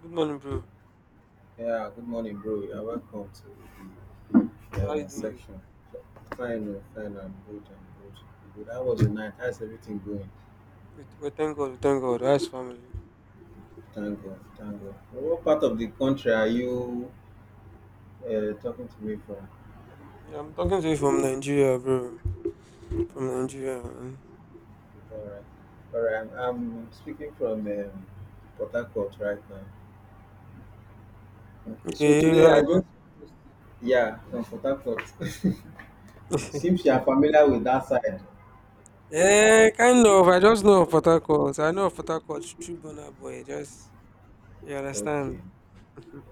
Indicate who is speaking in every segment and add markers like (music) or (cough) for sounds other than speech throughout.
Speaker 1: Good morning, bro.
Speaker 2: Yeah, good morning, bro. You're welcome to
Speaker 1: How
Speaker 2: the
Speaker 1: you doing?
Speaker 2: section. Fine, oh, fine, I'm good, I'm good. I'm good. How was the night? How's everything going?
Speaker 1: We thank God, we thank God. How's family?
Speaker 2: Thank God, thank God. What part of the country are you talking to me from?
Speaker 1: Yeah, I'm talking to you from Nigeria, bro. From
Speaker 2: Okay,
Speaker 1: Nigeria, man.
Speaker 2: okay, all right. All right, I'm speaking from Port Harcourt right now. Okay, so
Speaker 1: Okay,
Speaker 2: today I
Speaker 1: yeah,
Speaker 2: just, yeah, from Port Harcourt. (laughs) Seems
Speaker 1: (laughs)
Speaker 2: you are familiar with that side.
Speaker 1: kind of. I just know of Port Harcourt. I know of Port Harcourt through Burna Boy. Just you understand.
Speaker 2: Okay,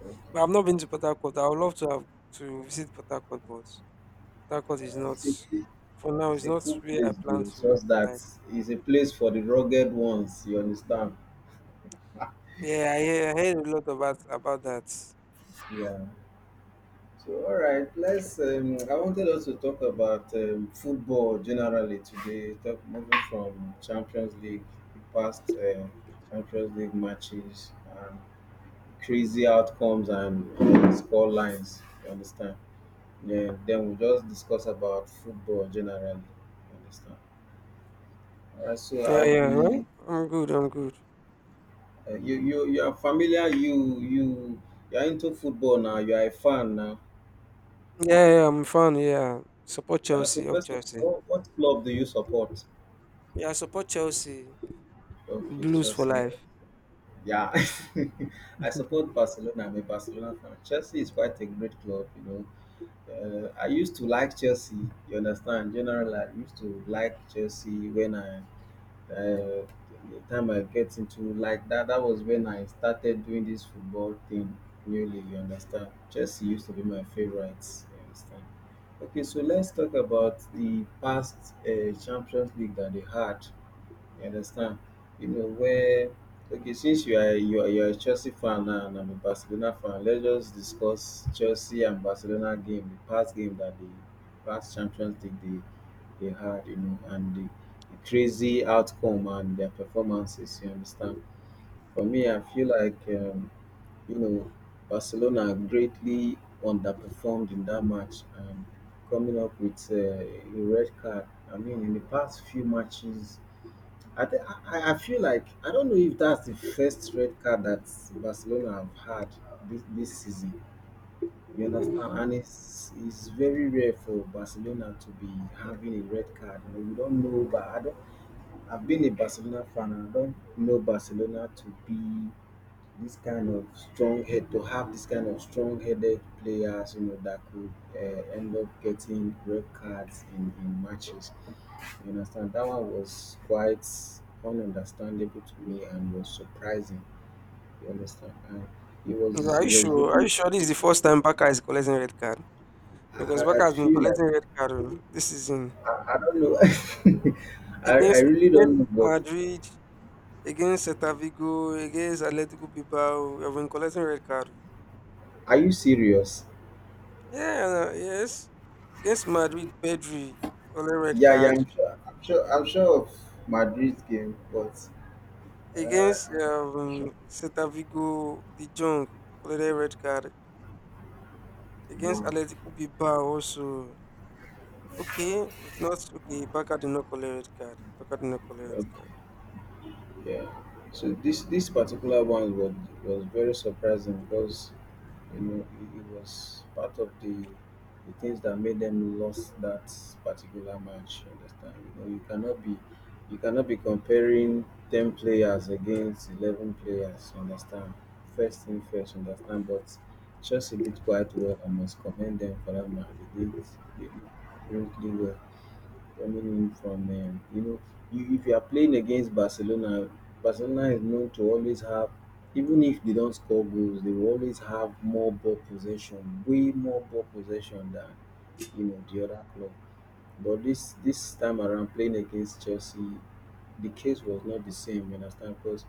Speaker 2: okay.
Speaker 1: But I've not been to Port Harcourt. I would love to have to visit Port Harcourt, but Port Harcourt is
Speaker 2: Uh,
Speaker 1: not
Speaker 2: is it-
Speaker 1: for now.
Speaker 2: It's
Speaker 1: It's
Speaker 2: a
Speaker 1: not
Speaker 2: cool
Speaker 1: where I
Speaker 2: place
Speaker 1: plan
Speaker 2: though. It's
Speaker 1: to
Speaker 2: just that
Speaker 1: like.
Speaker 2: it's a place for the rugged ones. You understand?
Speaker 1: Yeah, I heard a lot about that.
Speaker 2: Yeah. So all right, let's. I wanted us to talk about football generally today. Talk moving from Champions League, the past Champions League matches, and crazy outcomes and score lines. You understand? Yeah. Then we'll just discuss about football generally. You understand? All right. So
Speaker 1: Yeah,
Speaker 2: I'll
Speaker 1: yeah, right.
Speaker 2: be
Speaker 1: I'm good. I'm good.
Speaker 2: you are familiar. You are into football now. You are a fan now.
Speaker 1: Yeah, yeah, I'm a fan. Yeah, support
Speaker 2: Yeah. So
Speaker 1: Chelsea. Up
Speaker 2: first of
Speaker 1: Chelsea.
Speaker 2: all, what club do you support?
Speaker 1: Yeah, support Chelsea.
Speaker 2: Okay,
Speaker 1: Blues for
Speaker 2: Chelsea.
Speaker 1: life.
Speaker 2: Yeah, (laughs) I support Barcelona. I'm a Barcelona fan. Chelsea is quite a great club, you know. I used to like Chelsea. You understand? Generally, I used to like Chelsea when I uh, the time I get into like that, that was when I started doing this football thing newly. You understand? Chelsea used to be my favorite. You understand? Okay, so let's talk about the past Champions League that they had. You understand? You know where okay, since you are a Chelsea fan now and I'm a Barcelona fan, let's just discuss Chelsea and Barcelona game, the past game that the past Champions League they had, you know, and the crazy outcome and their performances. You understand? For me, I feel like you know Barcelona greatly underperformed in that match and coming up with a red card. I mean, in the past few matches I think I feel like I don't know if that's the first red card that Barcelona have had this season. You understand? And it's very rare for Barcelona to be having a red card. You know, we don't know, but I don't. I've been a Barcelona fan. And I don't know Barcelona to be this kind of strong head to have this kind of strong-headed players. You know that could end up getting red cards in matches. You understand? That one was quite ununderstandable to me and was surprising. You understand? And
Speaker 1: Yeah, are
Speaker 2: it
Speaker 1: you
Speaker 2: was
Speaker 1: sure? Are
Speaker 2: really
Speaker 1: you sure this is the first time Baka is collecting red card? Because
Speaker 2: I
Speaker 1: Baka has been
Speaker 2: feel like
Speaker 1: collecting red card oh, this season
Speaker 2: I don't know. (laughs) I
Speaker 1: against
Speaker 2: really
Speaker 1: against
Speaker 2: don't know, but
Speaker 1: Madrid, against Celta Vigo, against Atletico Bilbao. I've been collecting red card, oh.
Speaker 2: are you serious?
Speaker 1: Yeah, no, yes. Against Madrid, Pedri, only red
Speaker 2: Yeah, yeah,
Speaker 1: card.
Speaker 2: I'm sure of Madrid's game, but
Speaker 1: Against
Speaker 2: I don't, I'm sure.
Speaker 1: Celta Vigo, De Jong, only red card. Against
Speaker 2: Wow.
Speaker 1: Atletico Bilbao also. Okay, it's not okay. Baka did not collect red card. Baka did not collect red
Speaker 2: Okay.
Speaker 1: card.
Speaker 2: Yeah. So this particular one was very surprising because you know it was part of the things that made them lost that particular match, you understand. You know you cannot be comparing 10 players against 11 players, you understand, first thing first, you understand. But Chelsea did quite well. I must commend them for that match. They did really well, coming in from you know, you, if you are playing against Barcelona, Barcelona is known to always have, even if they don't score goals, they will always have more ball possession, way more ball possession than you know the other club. But this time around playing against Chelsea, the case was not the same. You understand? Because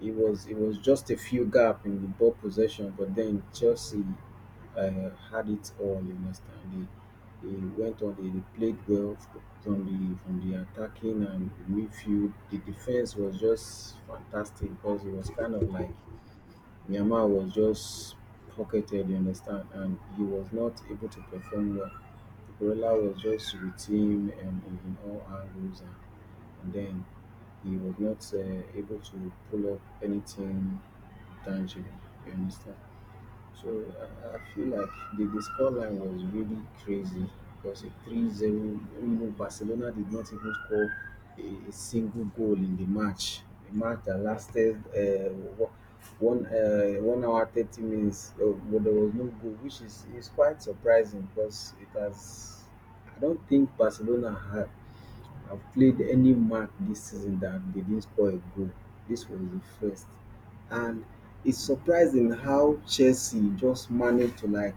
Speaker 2: it was just a few gap in the ball possession, but then Chelsea had it all. You understand? They went on. They played well f- from the attacking and midfield. The defense was just fantastic because it was kind of like Myanmar was just pocketed, you understand, and he was not able to perform well. Barella was just with him in all angles, and then he was not able to pull up anything tangible, you understand. So I feel like the scoreline was really crazy. It was a 3-0. You know, Barcelona did not even score a single goal in the match. A match that lasted 1 hour 30 minutes, but there was no goal, which is quite surprising because it has. I don't think Barcelona ha I've played any match this season that they didn't score a goal. This was the first. And it's surprising how Chelsea just managed to like,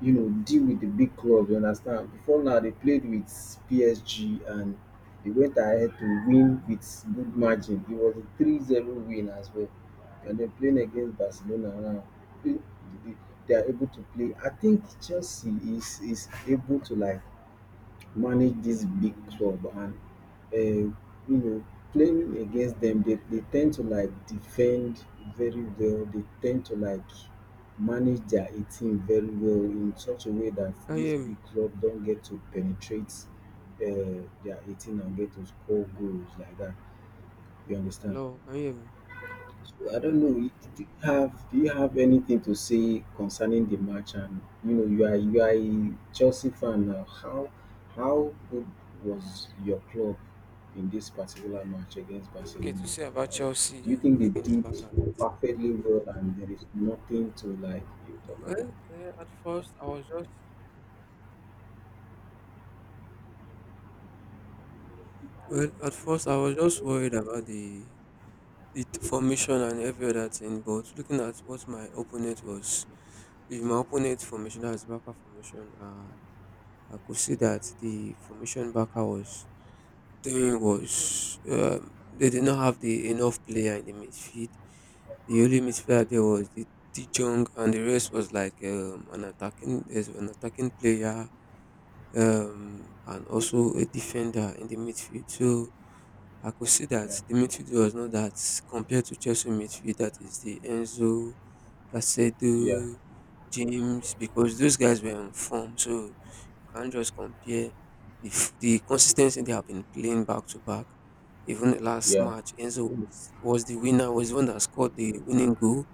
Speaker 2: you know, deal with the big clubs, you understand? Before now they played with PSG and they went ahead to win with good margin. It was a three-zero win as well. And they're playing against Barcelona now. They they- they are able to play. I think Chelsea is able to like manage this big club and uh, you know playing against them, they tend to like defend very well. They tend to like manage their 18 very well in such a way that
Speaker 1: Can you
Speaker 2: this
Speaker 1: hear me?
Speaker 2: big club don't get to penetrate their 18 and get to score goals like that, you understand.
Speaker 1: Hello, can you hear me?
Speaker 2: I don't know. D- d- Have do you have anything to say concerning the match? And you know, you are a Chelsea fan now. How good was your club in this particular match against
Speaker 1: Okay, to
Speaker 2: Barcelona?
Speaker 1: say about
Speaker 2: Uh, do you
Speaker 1: Chelsea
Speaker 2: think they
Speaker 1: against
Speaker 2: did
Speaker 1: Barca, right?
Speaker 2: perfectly well, and there is nothing to like talk about?
Speaker 1: Well, eh, at first I was just well, at first I was just worried about the formation and every other thing. But looking at what my opponent was, if my opponent formation as backer formation, I could see that the formation backer was During was they did not have the enough player in the midfield. The only midfielder there was the De Jong, and the rest was like an attacking. There's an attacking player and also a defender in the midfield. So I could see that
Speaker 2: Yeah,
Speaker 1: the midfield was not that compared to Chelsea midfield. That is the Enzo,
Speaker 2: yeah,
Speaker 1: Caicedo, James, because those guys were on form. So you can't just compare the consistency they have been playing back to back. Even last
Speaker 2: yeah,
Speaker 1: match, was the winner, was the one that scored the winning goal.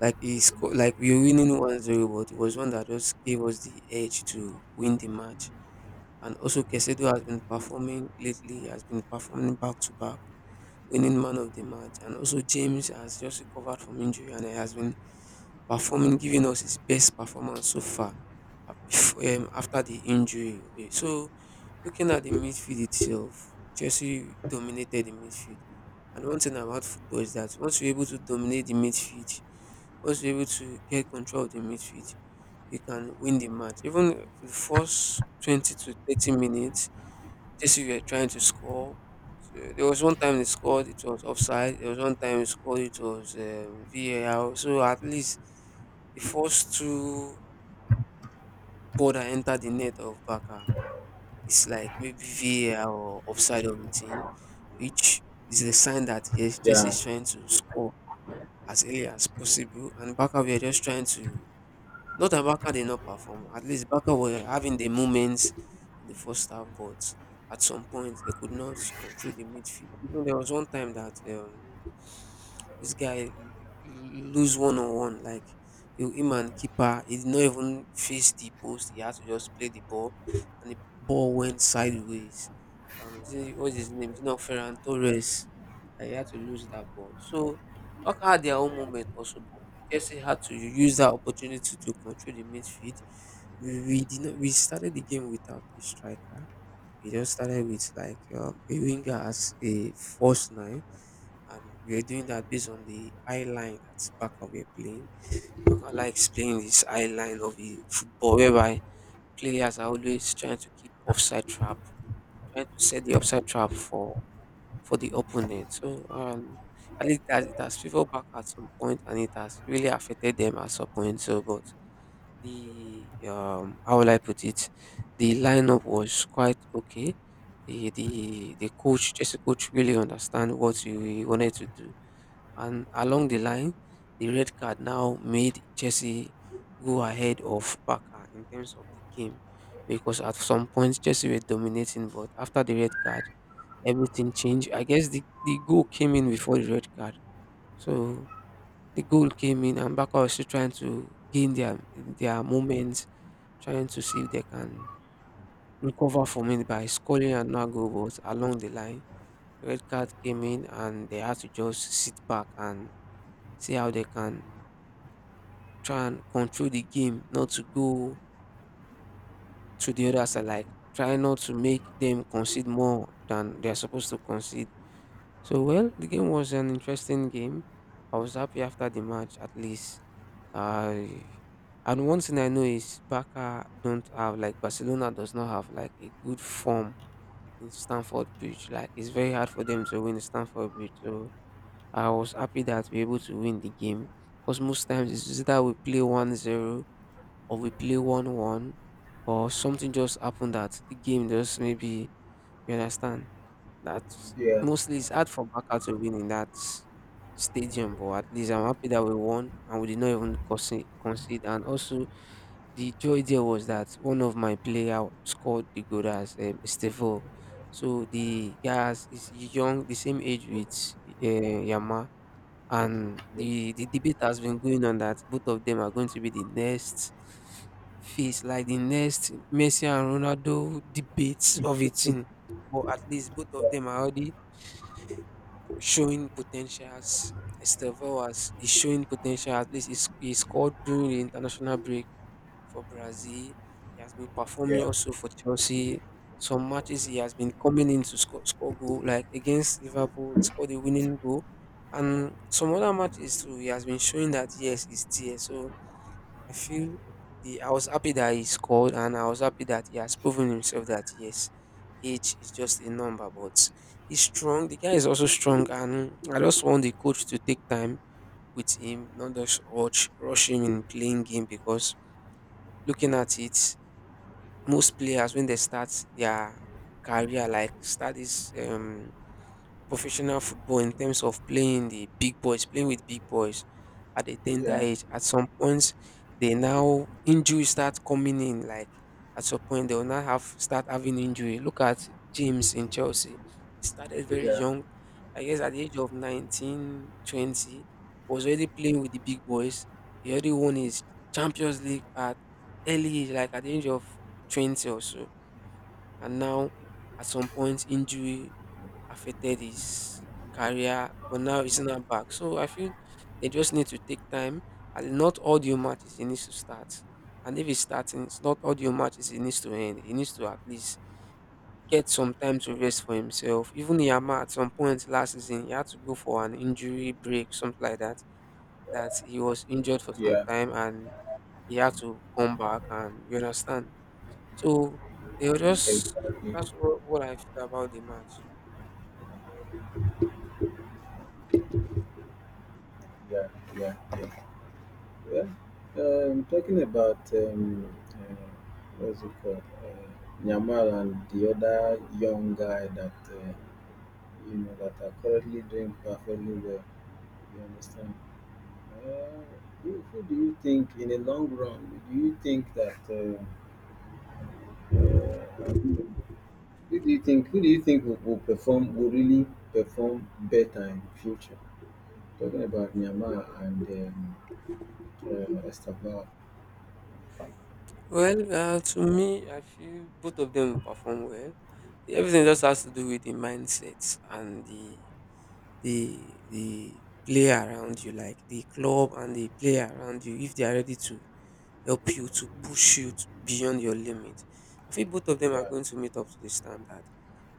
Speaker 1: Like he scored, like we were winning 1-0, but it was one that just gave us the edge to win the match. And also Caicedo has been performing lately, has been performing back to back, winning man of the match. And also James has just recovered from injury and he has been performing giving us his best performance so far after the injury. So looking at the midfield itself, Chelsea dominated the midfield. And one thing about football is that once you're able to dominate the midfield, once you're able to get control of the midfield, you can win the match. Even for the first 20 to 30 minutes, this you were trying to score. So there was one time they scored, it was offside. There was one time they scored, it was VAR. So at least the first two ball that entered the net of Baka is like maybe VAR or offside of the team, which is a sign that yes, Jesse
Speaker 2: yeah,
Speaker 1: is trying to score as early as possible. And Baka, we are just trying to not that Barca did not perform. At least Barca were having the moments in the first half, but at some point they could not control the midfield. Even there was one time that this guy lose one on one, like you him and keeper, he did not even face the post. He had to just play the ball, and the ball went sideways. What's his name? It's not Ferran Torres. And he had to lose that ball. So Barca had their own moment also, Chelsea had to use that opportunity to control the midfield. We did not. We started the game without a striker. We just started with like a winger as a false nine, and we were doing that based on the eye line that Barca were playing. Barca explained this eye line of the football, whereby players are always trying to keep offside trap, trying to set the offside trap for the opponent. So I think that it has favored back at some point and it has really affected them at some point. So, but the how will I put it? The lineup was quite okay. Just coach, really understand what he wanted to do, and along the line, the red card now made Chelsea go ahead of Barca in terms of the game, because at some point Chelsea were dominating, but after the red card, everything changed. I guess the goal came in before the red card, so the goal came in and Barca was still trying to gain their moments trying to see if they can recover from it by scoring another goal. But along the line, red card came in and they had to just sit back and see how they can try and control the game, not to go to the other side, like try not to make them concede more than they're supposed to concede. So, well, the game was an interesting game. I was happy after the match, at least. I and one thing I know is Barca don't have like Barcelona does not have like a good form in Stanford Bridge. Like it's very hard for them to win Stanford Bridge. So I was happy that we were able to win the game. Because most times it's either we play 1-0 or we play 1-1 or something just happened that the game just maybe you understand that
Speaker 2: yeah,
Speaker 1: mostly it's hard for Barca to win in that stadium, but at least I'm happy that we won and we did not even concede. And also the joy there was that one of my player scored the goal as Stefan. So is young, the same age with Yama, and the debate has been going on that both of them are going to be the next face, like the next Messi and Ronaldo debates of a team. But at least both
Speaker 2: yeah,
Speaker 1: of them are already showing potentials. Estevao is showing potential. At least he scored during the international break for Brazil. He has been performing
Speaker 2: yeah,
Speaker 1: also for Chelsea. Some matches he has been coming in to score goal, like against Liverpool, he scored a winning goal. And some other matches too, he has been showing that yes, he's there. So I feel the I was happy that he scored and I was happy that he has proven himself that yes, age is just a number, but he's strong. The guy is also strong and I just want the coach to take time with him, not just rush him in playing game because looking at it, most players when they start their career like start this professional football in terms of playing the big boys, playing with big boys at a tender
Speaker 2: yeah,
Speaker 1: age. At some points, they now injuries start coming in. Like at some point, they will now have start having injury. Look at James in Chelsea. He started very
Speaker 2: yeah,
Speaker 1: young. I guess at the age of 19, 20, was already playing with the big boys. He already won his Champions League at early age, like at the age of 20 or so. And now, at some point, injury affected his career, but now he's not back. So I feel they just need to take time and not all the matches he needs to start. And if he's starting, it's not all the matches he needs to end. He needs to at least get some time to rest for himself. Even Yama at some point last season, he had to go for an injury break, something like that. That he was injured for some
Speaker 2: yeah.
Speaker 1: time and he had to come back and you understand. So they were just
Speaker 2: Exactly.
Speaker 1: that's what I feel about the match.
Speaker 2: Yeah, yeah, yeah. Yeah, talking about what's it called, uh, Nyamal and the other young guy that you know, that are currently doing perfectly well. You understand? Uh, who do you think, in the long run, do you think that? I don't know, who do you think? Who do you think will perform? Will really perform better in the future? Talking about Nyamal and Estaval.
Speaker 1: Well, to me, I feel both of them will perform well. Everything just has to do with the mindset and the the player around you, like the club and the player around you. If they are ready to help you to push you to beyond your limit, I feel both of them are
Speaker 2: Yeah.
Speaker 1: going to meet up to the standard.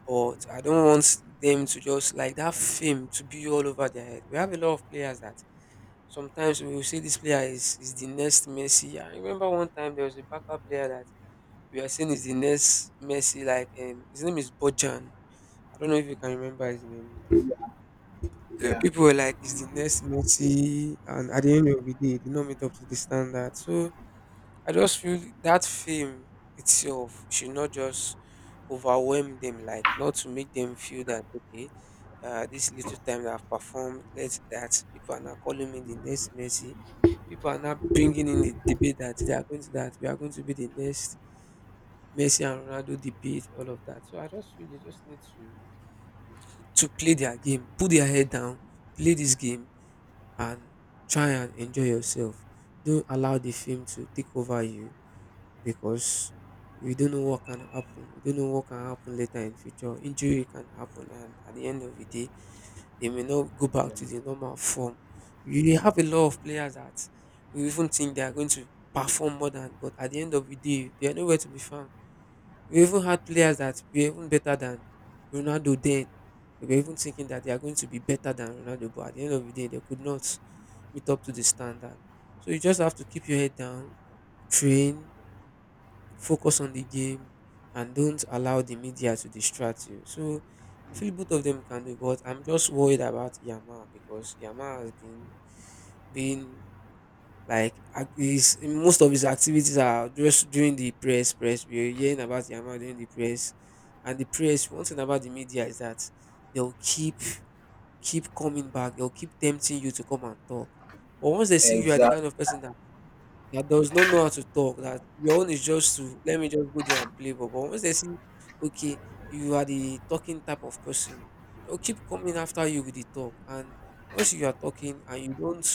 Speaker 1: But I don't want them to just like that fame to be all over their head. We have a lot of players that sometimes we will say this is the next Messi. I remember one time there was a backup player that we are saying is the next Messi. Like his name is Bojan. I don't know if you can remember his name.
Speaker 2: Yeah.
Speaker 1: People were like, "Is the next Messi?" And at the end of the day, he did not meet up to the standard. So I just feel that fame itself should not just overwhelm them, like not to make them feel that okay, this little time that I've performed, let that people are now calling me the next Messi. People are now bringing in the debate that they are going to that we are going to be the next Messi and Ronaldo debate, all of that. So I just feel they just need to play their game, put their head down, play this game, and try and enjoy yourself. Don't allow the fame to take over you because we don't know what can happen. We don't know what can happen later in future. Injury can happen, and at the end of the day, they may not go
Speaker 2: Yeah.
Speaker 1: back to the normal form. You have a lot of players that you even think they are going to perform more than, but at the end of the day, they are nowhere to be found. We even had players that were even better than Ronaldo then. We were even thinking that they are going to be better than Ronaldo, but at the end of the day, they could not meet up to the standard. So you just have to keep your head down, train, focus on the game, and don't allow the media to distract you. So I feel both of them can do, but I'm just worried about Yama because Yama has been like his most of his activities are just during the press. Press we're hearing about Yama during the press, and the press. One thing about the media is that they'll keep coming back. They'll keep tempting you to come and talk. But once they see you are the
Speaker 2: Exactly.
Speaker 1: kind of person that that does not know how to talk, that your own is just to let me just go there and play. But once they see, okay, you are the talking type of person, they'll keep coming after you with the talk. And once you are talking and you don't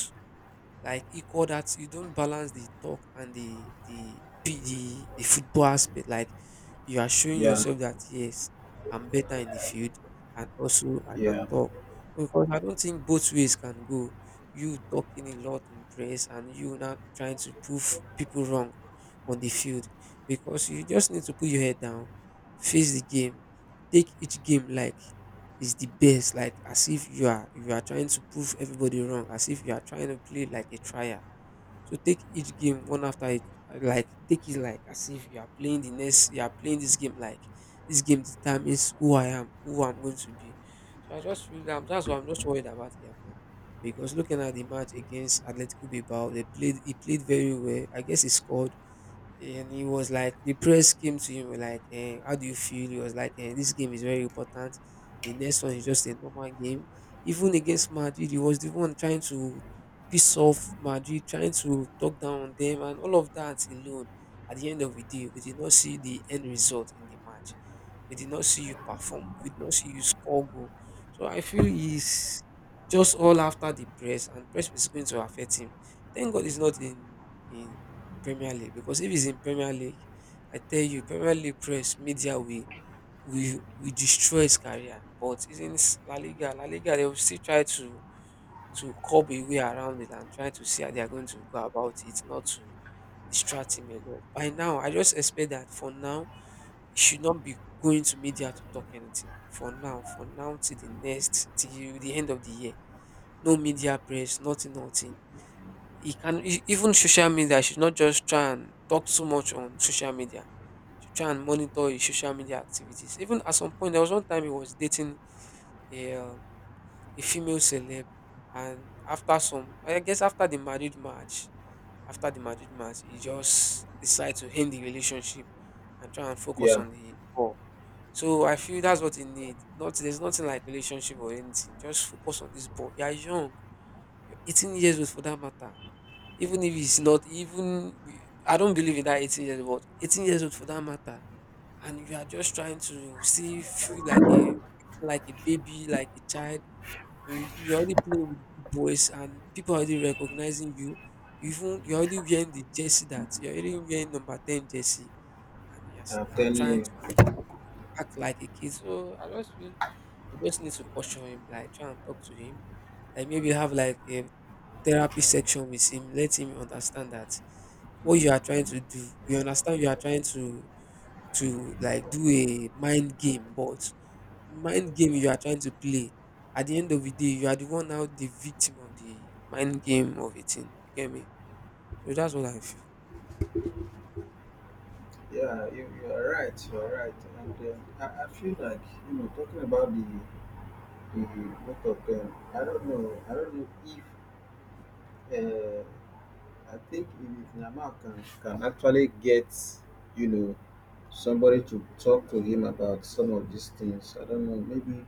Speaker 1: like equal that you don't balance the talk and the the football aspect. Like you are showing
Speaker 2: Yeah.
Speaker 1: yourself that yes, I'm better in the field and also I can
Speaker 2: Yeah.
Speaker 1: talk. Because I don't think both ways can go. You talking a lot in press and you not trying to prove people wrong on the field. Because you just need to put your head down, face the game, take each game like is the best, like as if you are trying to prove everybody wrong, as if you are trying to play like a trial. So take each game one after it, like take it like as if you are playing the next, you are playing this game like this game determines who I am, who I'm going to be. So I just feel that that's what I'm just worried about, yeah. Because looking at the match against Atletico Bilbao, they played, he played very well, I guess he scored, and he was like the press came to him like, eh, how do you feel? He was like, eh, this game is very important, the next one is just a normal game. Even against Madrid, he was the one trying to piss off Madrid, trying to talk down on them and all of that alone. At the end of the day, we did not see the end result in the match. We did not see you perform, we did not see you score goal. So I feel he's just all after the press, and press is going to affect him. Thank god he's not in Premier League, because if he's in Premier League, I tell you, Premier League press media will destroy his career. But he's in La Liga. La Liga they will still try to curb a way around it and try to see how they are going to go about it, not to distract him a lot. By now, I just expect that for now he should not be going to media to talk anything. For now, for now, till the next, till the end of the year, no media press, nothing, nothing. He can even social media. You should not just try and talk so much on social media. You should try and monitor his social media activities. Even at some point, there was one time he was dating a um, a female celeb, and after some, I guess after the marriage match, after the marriage match, he just decided to end the relationship and try and focus
Speaker 2: Yeah.
Speaker 1: on the ball. So I feel that's what he need. Not, there's nothing like relationship or anything. Just focus on this ball. You are young. You're 18 years old for that matter. Even if it's not even, I don't believe in that 18 years old, 18 years old for that matter. And you are just trying to see feel like a baby, like a child. You already playing with big boys and people are already recognizing you. You even you're already wearing the jersey that you're already wearing number 10 jersey and you're
Speaker 2: I'm
Speaker 1: now
Speaker 2: telling
Speaker 1: trying
Speaker 2: you.
Speaker 1: to act like a kid. So I just feel you just need to caution him, like try and talk to him. Like maybe have like a therapy section with him, let him understand that what you are trying to do, we understand you are trying to like do a mind game, but mind game you are trying to play, at the end of the day, you are the one now the victim of the mind game of a thing. You get me? So that's what I feel.
Speaker 2: Yeah, you are right. You are right. And I feel like you know talking about the both of them. I don't know. I don't know if I think if Nama can actually get, you know, somebody to talk to him about some of these things. I don't know. Maybe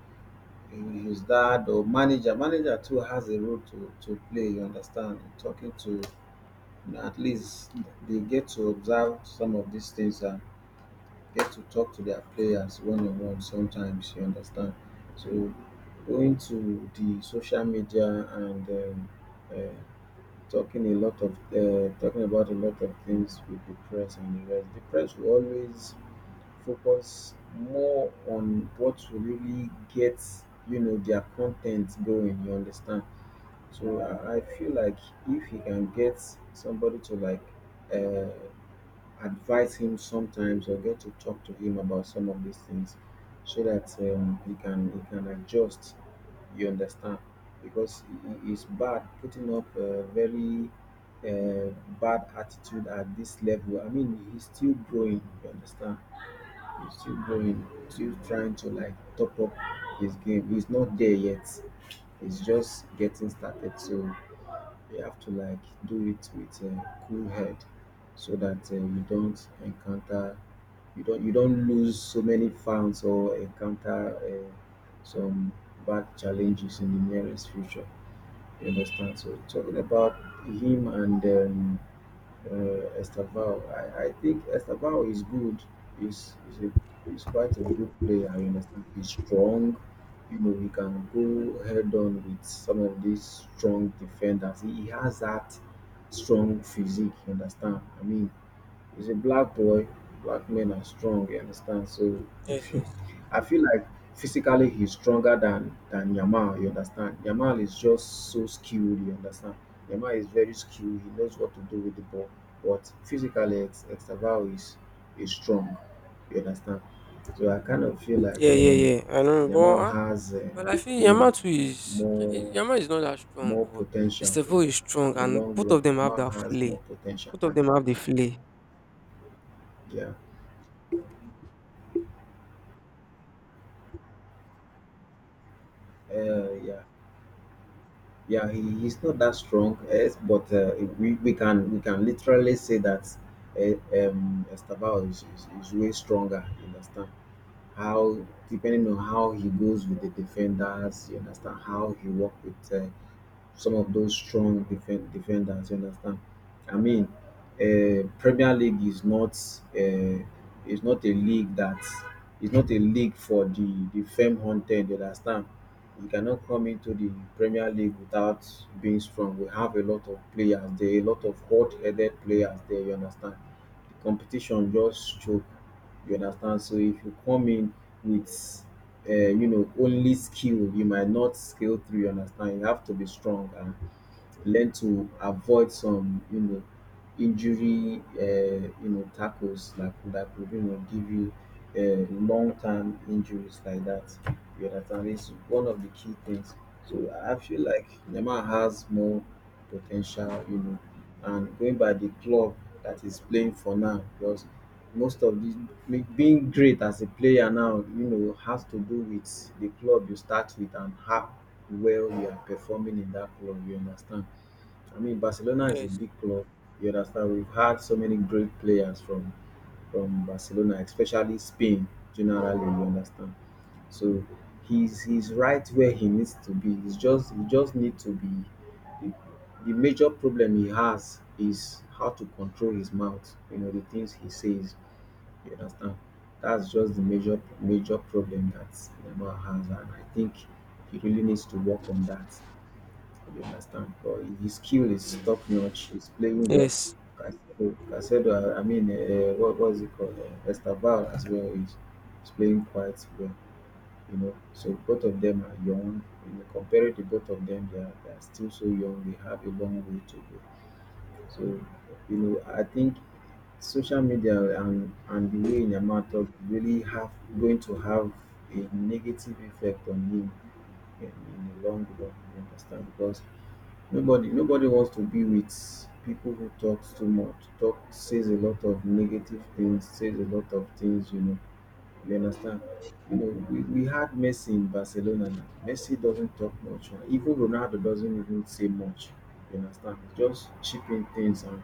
Speaker 2: his dad or manager. Manager too has a role to play. You understand? In talking to, at least they get to observe some of these things and get to talk to their players one on one sometimes, you understand. So going to the social media and uh, talking a lot of talking about a lot of things with the press and the rest. The press will always focus more on what will really get you know their content going. You understand? So I feel like if he can get somebody to like uh, advise him sometimes or get to talk to him about some of these things so that he can adjust, you understand, because it is bad putting up a very uh, bad attitude at this level. I mean, he's still growing, you understand. He's still growing, still trying to like top up his game. He's not there yet. He's just getting started. So you have to like do it with a cool head so that you don't encounter, you don't lose so many fans or encounter some bad challenges in the nearest future. You understand? So talking about him and uh, Estaval, I think Estaval is good. He's, he's, a, he's quite a good player. You understand? He's strong. You know, he can go head on with some of these strong defenders. He has that strong physique. You understand? I mean, he's a black boy. Black men are strong, you understand? So
Speaker 1: Yes, yes.
Speaker 2: I feel like physically he's stronger than Yamal, you understand? Yamal is just so skilled, you understand? Yamal is very skilled. He knows what to do with the ball. But physically, Extabao is strong, you understand? So I kind of feel like
Speaker 1: Yeah, yeah, yeah. I know,
Speaker 2: Yamal has,
Speaker 1: but I feel
Speaker 2: you know,
Speaker 1: Yamato is,
Speaker 2: more
Speaker 1: Yamato is not that strong,
Speaker 2: more
Speaker 1: but
Speaker 2: potential, you
Speaker 1: Estefo
Speaker 2: know,
Speaker 1: is strong,
Speaker 2: in the
Speaker 1: and
Speaker 2: long
Speaker 1: both
Speaker 2: run.
Speaker 1: of them have
Speaker 2: Yamal
Speaker 1: that
Speaker 2: has more
Speaker 1: flay.
Speaker 2: potential.
Speaker 1: Both of them have the flay.
Speaker 2: Yeah, yeah. Yeah, he's not that strong, yes, but we can literally say that uh, Estabao is way stronger. You understand how, depending on how he goes with the defenders, you understand how he work with some of those defenders. You understand? I mean, Premier League uh, is not a league that is not a league for the fame hunted. You understand? You cannot come into the Premier League without being strong. We have a lot of players there, a lot of hot-headed players there. You understand? The competition just choke. You understand? So if you come in with only skill, you might not scale through. You understand? You have to be strong and learn to avoid some injury, tackles like that could give you long-term injuries like that. You understand? It's one of the key things. So I feel like Neymar has more potential, and going by the club that is playing for now, because most of the being great as a player now, has to do with the club you start with and how well you are performing in that club. You understand? I mean, Barcelona is a
Speaker 1: Yes.
Speaker 2: big club. You understand? We've had so many great players from Barcelona, especially Spain. Generally, you understand. So he's right where he needs to be. He just need to be. The, the major problem he has is how to control his mouth. You know, the things he says. You understand? That's just the major problem that Neymar has, and I think he really needs to work on that. You understand? But his skill is top notch. He's playing well.
Speaker 1: Yes.
Speaker 2: Casedo, I mean, what was it called? Estaval as well is playing quite well. You know, so both of them are young. When you compare it to both of them, they are still so young. They have a long way to go. So, you know, I think social media and the way Yama talk really have going to have a negative effect on him in, in the long run. You understand? Because nobody wants to be with people who talks too much, talk, says a lot of negative things, says a lot of things, you know. You understand? You know, we had Messi in Barcelona now. Messi doesn't talk much, right? Even Ronaldo doesn't even say much. You understand? Just chipping things,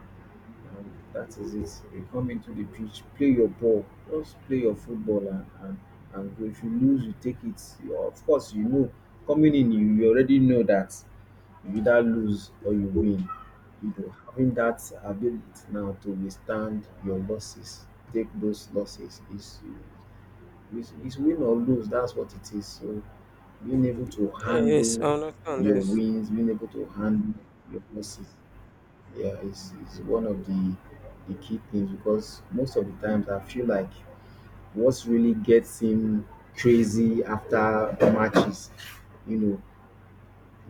Speaker 2: and that is it. You come into the pitch, play your ball, just play your football and, and if you lose you take it. You- Of course you know, coming in you already know that you either lose or you win. You know, having that ability now to withstand your losses, take those losses, is is win or lose. That's what it is. So being able to
Speaker 1: Yes. I
Speaker 2: handle
Speaker 1: understand.
Speaker 2: your
Speaker 1: Yes.
Speaker 2: wins, being able to handle your losses, yeah, is one of the key things, because most of the times I feel like what's really gets him crazy after matches, you know,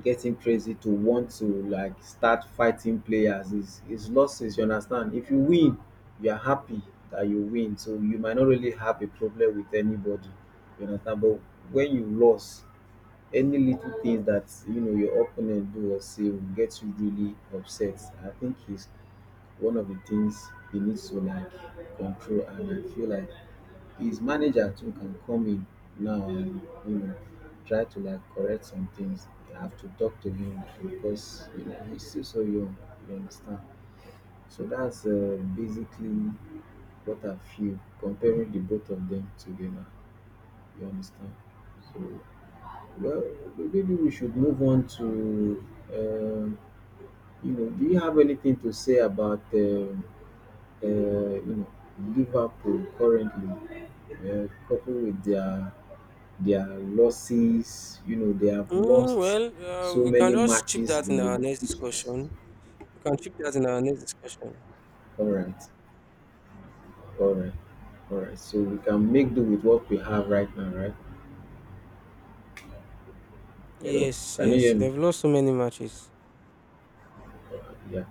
Speaker 2: getting crazy to want to like start fighting players is losses. You understand? If you win, you are happy that you win, so you might not really have a problem with anybody. You understand? But when you loss, any little thing that your opponent do or say will get you really upset. I think is one of the things he needs to like control, and I feel like his manager too can come in now and, you know try to like correct some things. You have to talk to him, because you know he's still so young. You understand? So that's basically what I feel comparing the both of them together. You understand? So, well, maybe we should move on to um, Do you have anything to say about uh, you know Liverpool currently, coupled with their losses? You know, they have
Speaker 1: Mm,
Speaker 2: lost
Speaker 1: well,
Speaker 2: so
Speaker 1: we can
Speaker 2: many
Speaker 1: just chip
Speaker 2: matches
Speaker 1: that
Speaker 2: in
Speaker 1: in
Speaker 2: a,
Speaker 1: our next
Speaker 2: which is
Speaker 1: discussion. We can chip that in our next discussion.
Speaker 2: all right, all right, all right. So we can make do with what we have right now, right? Hello,
Speaker 1: Yes.
Speaker 2: can you
Speaker 1: Yes.
Speaker 2: hear me?
Speaker 1: They've lost so many matches.
Speaker 2: Yeah.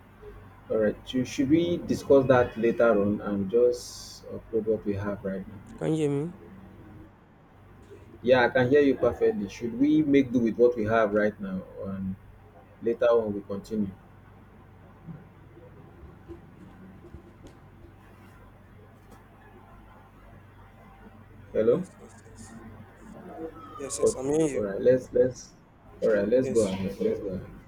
Speaker 2: All right. Should we discuss that later on and just upload what we have right now?
Speaker 1: Can you hear me?
Speaker 2: Yeah, I can hear you perfectly. Should we make do with what we have right now, and later on we continue?
Speaker 1: Uh,
Speaker 2: Hello.
Speaker 1: yes. Yes. Yes. Yes. Yes. I'm
Speaker 2: Okay.
Speaker 1: hearing
Speaker 2: All
Speaker 1: you.
Speaker 2: right. Let's. All right.
Speaker 1: Yes.
Speaker 2: Let's go ahead.